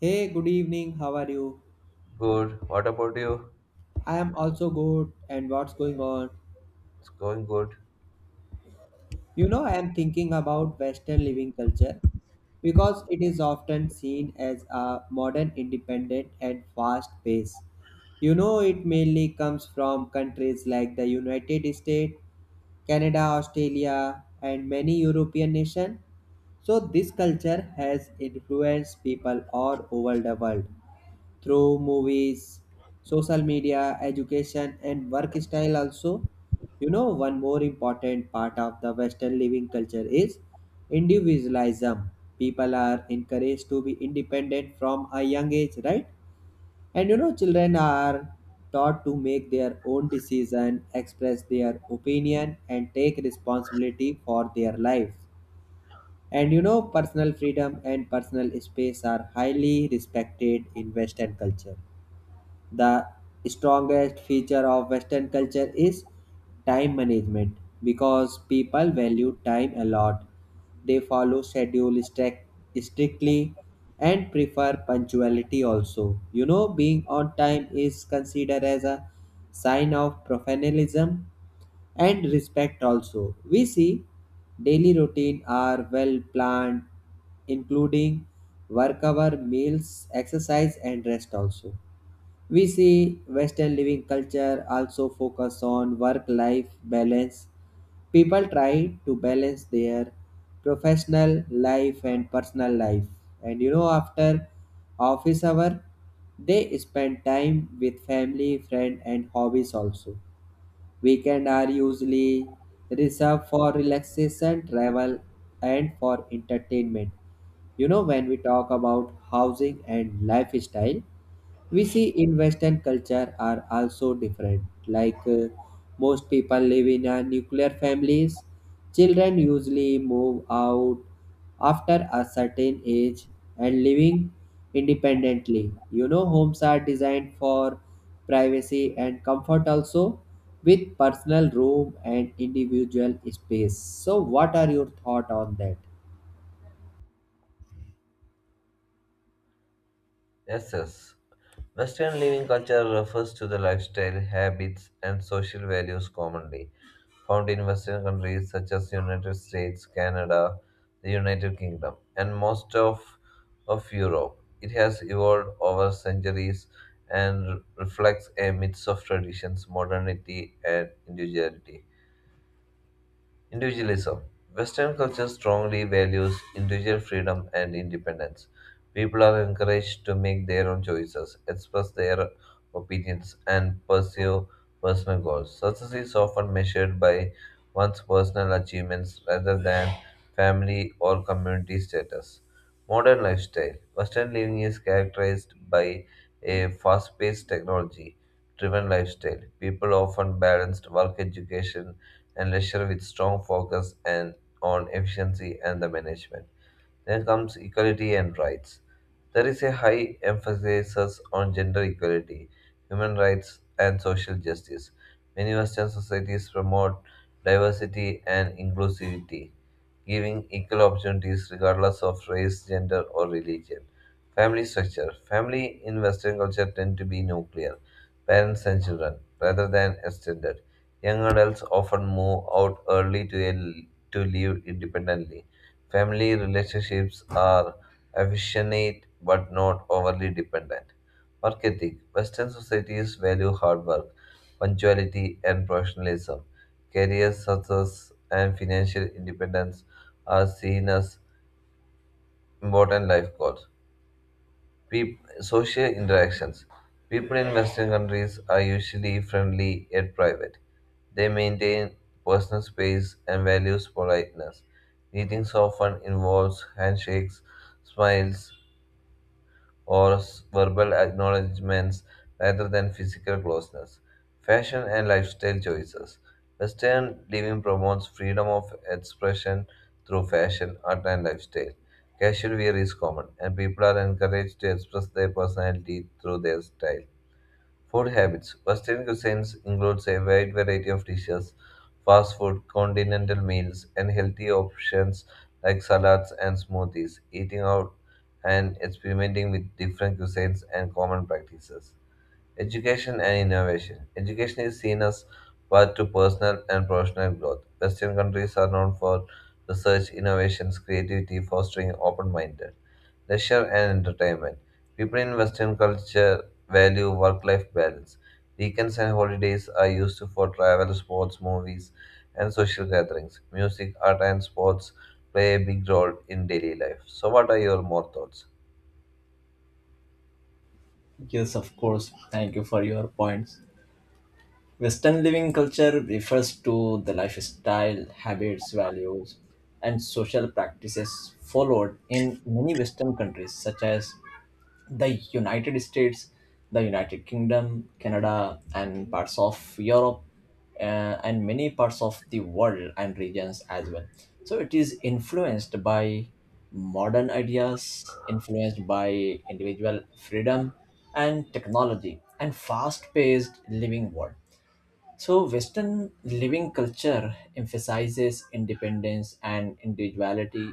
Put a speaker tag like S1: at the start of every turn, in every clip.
S1: Hey, good evening. How are you?
S2: Good. What about you?
S1: I am also good. And what's going on?
S2: It's going good.
S1: I am thinking about Western living culture because it is often seen as a modern, independent, and fast pace. It mainly comes from countries like the United States, Canada, Australia, and many European nations. So, this culture has influenced people all over the world through movies, social media, education, and work style also. One more important part of the Western living culture is individualism. People are encouraged to be independent from a young age, right? And children are taught to make their own decision, express their opinion, and take responsibility for their lives. And personal freedom and personal space are highly respected in Western culture. The strongest feature of western culture is time management because people value time a lot. They follow schedule strictly and prefer punctuality also. You know, being on time is considered as a sign of professionalism and respect also. We see daily routine are well planned including work hour meals exercise and rest also. We see Western living culture also focus on work-life balance. People try to balance their professional life and personal life. And after office hour, they spend time with family, friend, and hobbies also. Weekend are usually reserved for relaxation, travel, and for entertainment. When we talk about housing and lifestyle, we see in western culture are also different like most people live in a nuclear families. Children usually move out after a certain age and living independently. You know, homes are designed for privacy and comfort also, with personal room and individual space. So what are your thought on that?
S2: Yes, yes. Western living culture refers to the lifestyle, habits, and social values commonly found in Western countries such as United States, Canada, the United Kingdom, and of Europe. It has evolved over centuries and reflects a mix of traditions, modernity, and individuality. Individualism. Western culture strongly values individual freedom and independence. People are encouraged to make their own choices, express their opinions, and pursue personal goals. Success is often measured by one's personal achievements rather than family or community status. Modern lifestyle. Western living is characterized by a fast paced, technology driven lifestyle. People often balance work, education, and leisure with strong focus and on efficiency and the management. Then comes equality and rights. There is a high emphasis on gender equality, human rights, and social justice. Many Western societies promote diversity and inclusivity, giving equal opportunities regardless of race, gender, or religion. Family structure. Family in Western culture tend to be nuclear, parents and children, rather than extended. Young adults often move out early to live independently. Family relationships are affectionate but not overly dependent. Work ethic. Western societies value hard work, punctuality, and professionalism. Career success and financial independence are seen as important life goals. Social interactions. People in Western countries are usually friendly yet private. They maintain personal space and values politeness. Meetings often involves handshakes, smiles, or verbal acknowledgments rather than physical closeness. Fashion and lifestyle choices. Western living promotes freedom of expression through fashion, art, and lifestyle. Casual wear is common, and people are encouraged to express their personality through their style. Food habits. Western cuisines includes a wide variety of dishes, fast food, continental meals, and healthy options like salads and smoothies. Eating out and experimenting with different cuisines and common practices. Education and innovation. Education is seen as path to personal and professional growth. Western countries are known for research, innovations, creativity, fostering open-minded. Leisure and entertainment. People in Western culture value work-life balance. Weekends and holidays are used for travel, sports, movies, and social gatherings. Music, art, and sports play a big role in daily life. So, what are your more thoughts?
S3: Yes, of course. Thank you for your points. Western living culture refers to the lifestyle, habits, values, and social practices followed in many Western countries, such as the United States, the United Kingdom, Canada, and parts of Europe, uh, and many parts of the world and regions as well. So it is influenced by modern ideas, influenced by individual freedom and technology, and fast paced living world. So, Western living culture emphasizes independence and individuality,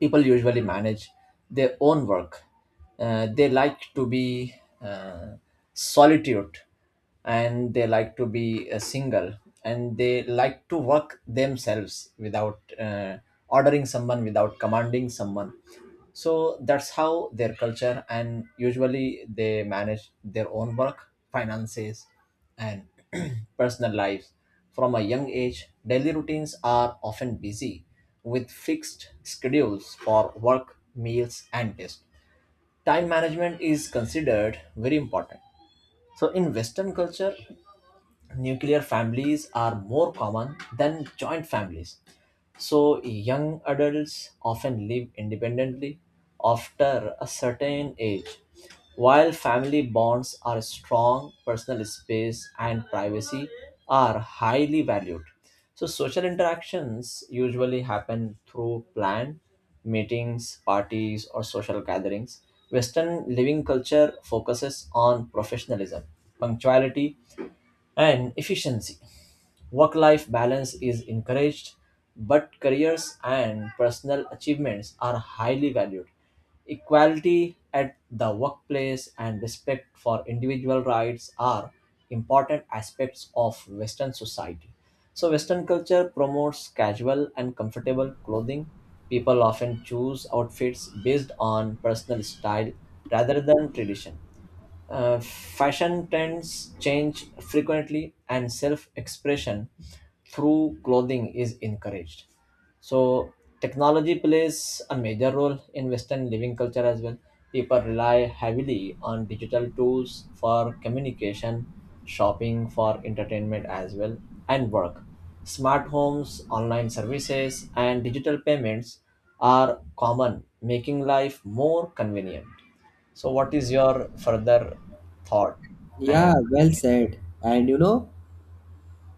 S3: people usually manage their own work. They like to be uh, solitude, and they like to be single, and they like to work themselves without ordering someone, without commanding someone. So that's how their culture, and usually they manage their own work, finances, and personal lives. From a young age, daily routines are often busy with fixed schedules for work, meals, and rest. Time management is considered very important. So, in Western culture, nuclear families are more common than joint families. So, young adults often live independently after a certain age. While family bonds are strong, personal space and privacy are highly valued. So, social interactions usually happen through planned meetings, parties, or social gatherings. Western living culture focuses on professionalism, punctuality, and efficiency. Work life balance is encouraged, but careers and personal achievements are highly valued. Equality at the workplace and respect for individual rights are important aspects of Western society. So, Western culture promotes casual and comfortable clothing. People often choose outfits based on personal style rather than tradition. Fashion trends change frequently, and self expression through clothing is encouraged. So, technology plays a major role in Western living culture as well. People rely heavily on digital tools for communication, shopping, for entertainment as well, and work. Smart homes, online services, and digital payments are common, making life more convenient. So, what is your further thought? And
S1: Yeah, well said. And you know,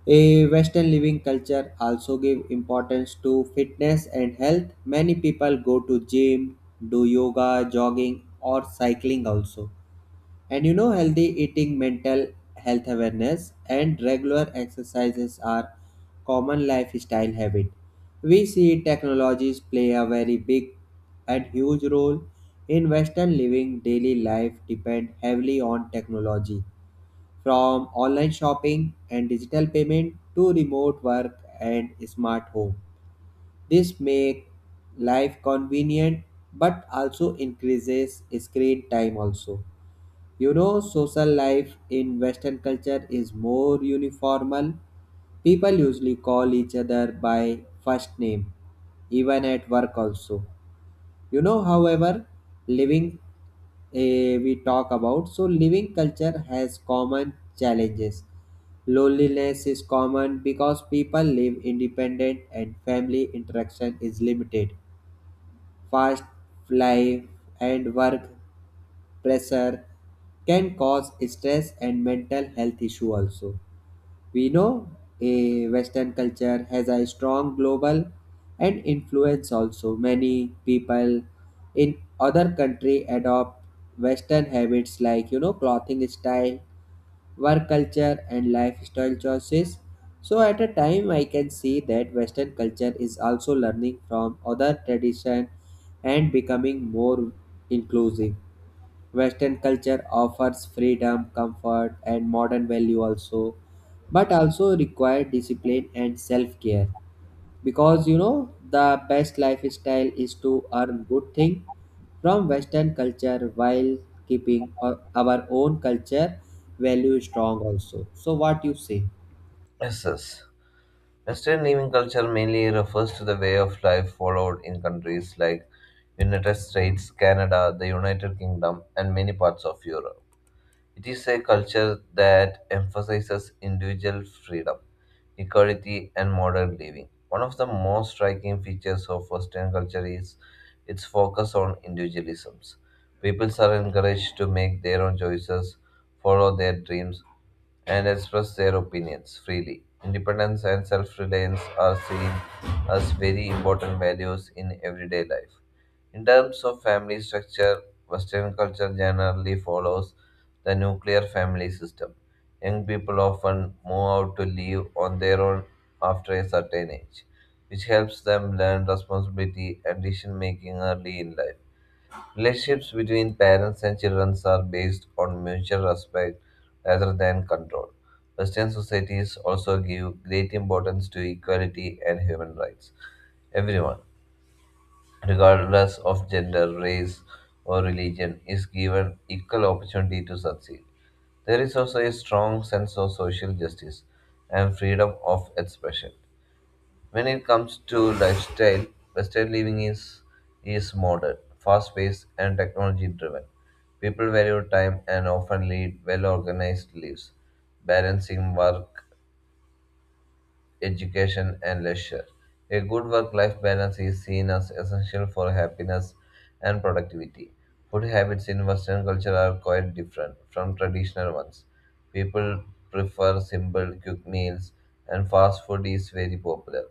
S1: a Western living culture also give importance to fitness and health. Many people go to gym, do yoga, jogging or cycling also. And you know, healthy eating, mental health awareness and regular exercises are common lifestyle habit. We see technologies play a very big and huge role in western living. Daily life depend heavily on technology, from online shopping and digital payment to remote work and smart home. This make life convenient but also increases screen time also. You know social life in western culture is more uniformal. People usually call each other by first name even at work also. You know, however, living eh, we talk about. So, living culture has common challenges. Loneliness is common because people live independent and family interaction is limited. Fast life and work pressure can cause stress and mental health issue also. We know a Western culture has a strong global and influence also. Many people in other country adopt Western habits like clothing style, work culture, and lifestyle choices. So at a time, I can see that Western culture is also learning from other tradition and becoming more inclusive. Western culture offers freedom, comfort, and modern value also, but also require discipline and self care. Because the best lifestyle is to earn good thing from Western culture while keeping our own culture value strong also. So, what you say?
S2: Yes, yes. Western living culture mainly refers to the way of life followed in countries like United States, Canada, the United Kingdom, and many parts of Europe. It is a culture that emphasizes individual freedom, equality, and modern living. One of the most striking features of Western culture is its focus on individualisms. People are encouraged to make their own choices, follow their dreams, and express their opinions freely. Independence and self reliance are seen as very important values in everyday life. In terms of family structure, Western culture generally follows the nuclear family system. Young people often move out to live on their own after a certain age, which helps them learn responsibility and decision making early in life. Relationships between parents and children are based on mutual respect rather than control. Western societies also give great importance to equality and human rights. Everyone, regardless of gender, race, or religion, is given equal opportunity to succeed. There is also a strong sense of social justice and freedom of expression. When it comes to lifestyle, Western living is modern, fast paced, and technology driven. People value time and often lead well organized lives, balancing work, education, and leisure. A good work life balance is seen as essential for happiness and productivity. Food habits in Western culture are quite different from traditional ones. People prefer simple, quick meals, and fast food is very popular.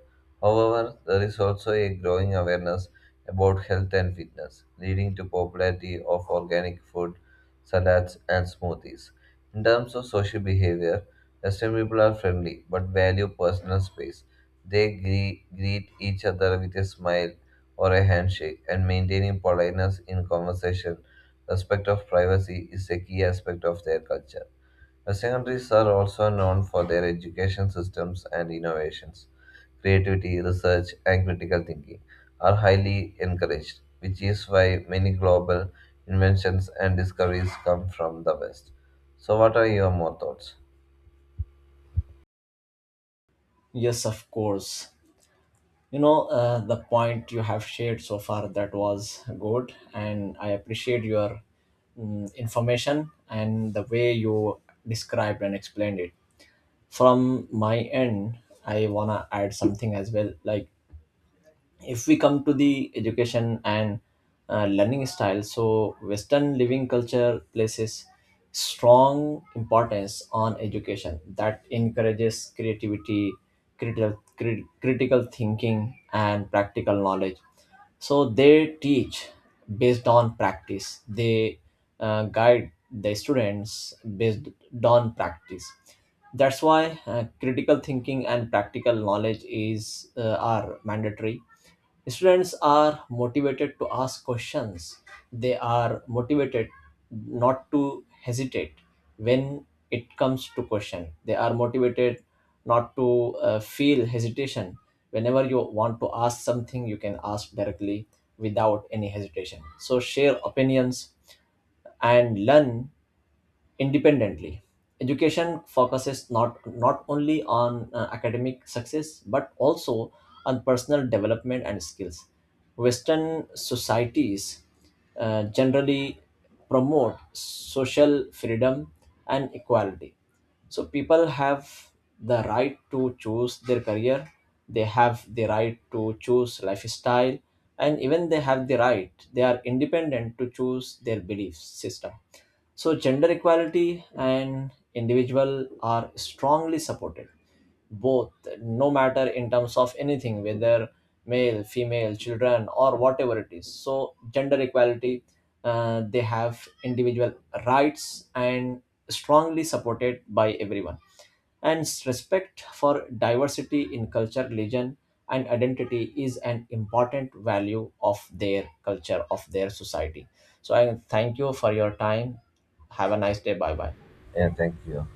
S2: However, there is also a growing awareness about health and fitness, leading to popularity of organic food, salads, and smoothies. In terms of social behavior, Western people are friendly but value personal space. They greet each other with a smile or a handshake, and maintaining politeness in conversation, respect of privacy is a key aspect of their culture. Western countries are also known for their education systems and innovations. Creativity, research, and critical thinking are highly encouraged, which is why many global inventions and discoveries come from the West. So, what are your more thoughts?
S3: yes, of course, the point you have shared so far, that was good, and I appreciate your information and the way you described and explained it. From my end, I wanna add something as well. Like, if we come to the education and learning style, so western living culture places strong importance on education that encourages creativity, critical thinking, and practical knowledge. So they teach based on practice. They guide the students based on practice. That's why critical thinking and practical knowledge is are mandatory. Students are motivated to ask questions. They are motivated not to hesitate when it comes to question. They are motivated not to feel hesitation. Whenever you want to ask something, you can ask directly without any hesitation. So share opinions and learn independently. Education focuses not only on academic success but also on personal development and skills. Western societies generally promote social freedom and equality. So people have the right to choose their career, they have the right to choose lifestyle, and even they have the right, they are independent to choose their belief system. So, gender equality and individual are strongly supported, both, no matter in terms of anything, whether male, female, children, or whatever it is. So, gender equality, they have individual rights and strongly supported by everyone. And respect for diversity in culture, religion, and identity is an important value of their culture, of their society. So, I thank you for your time. Have a nice day. Bye bye.
S2: Yeah, thank you.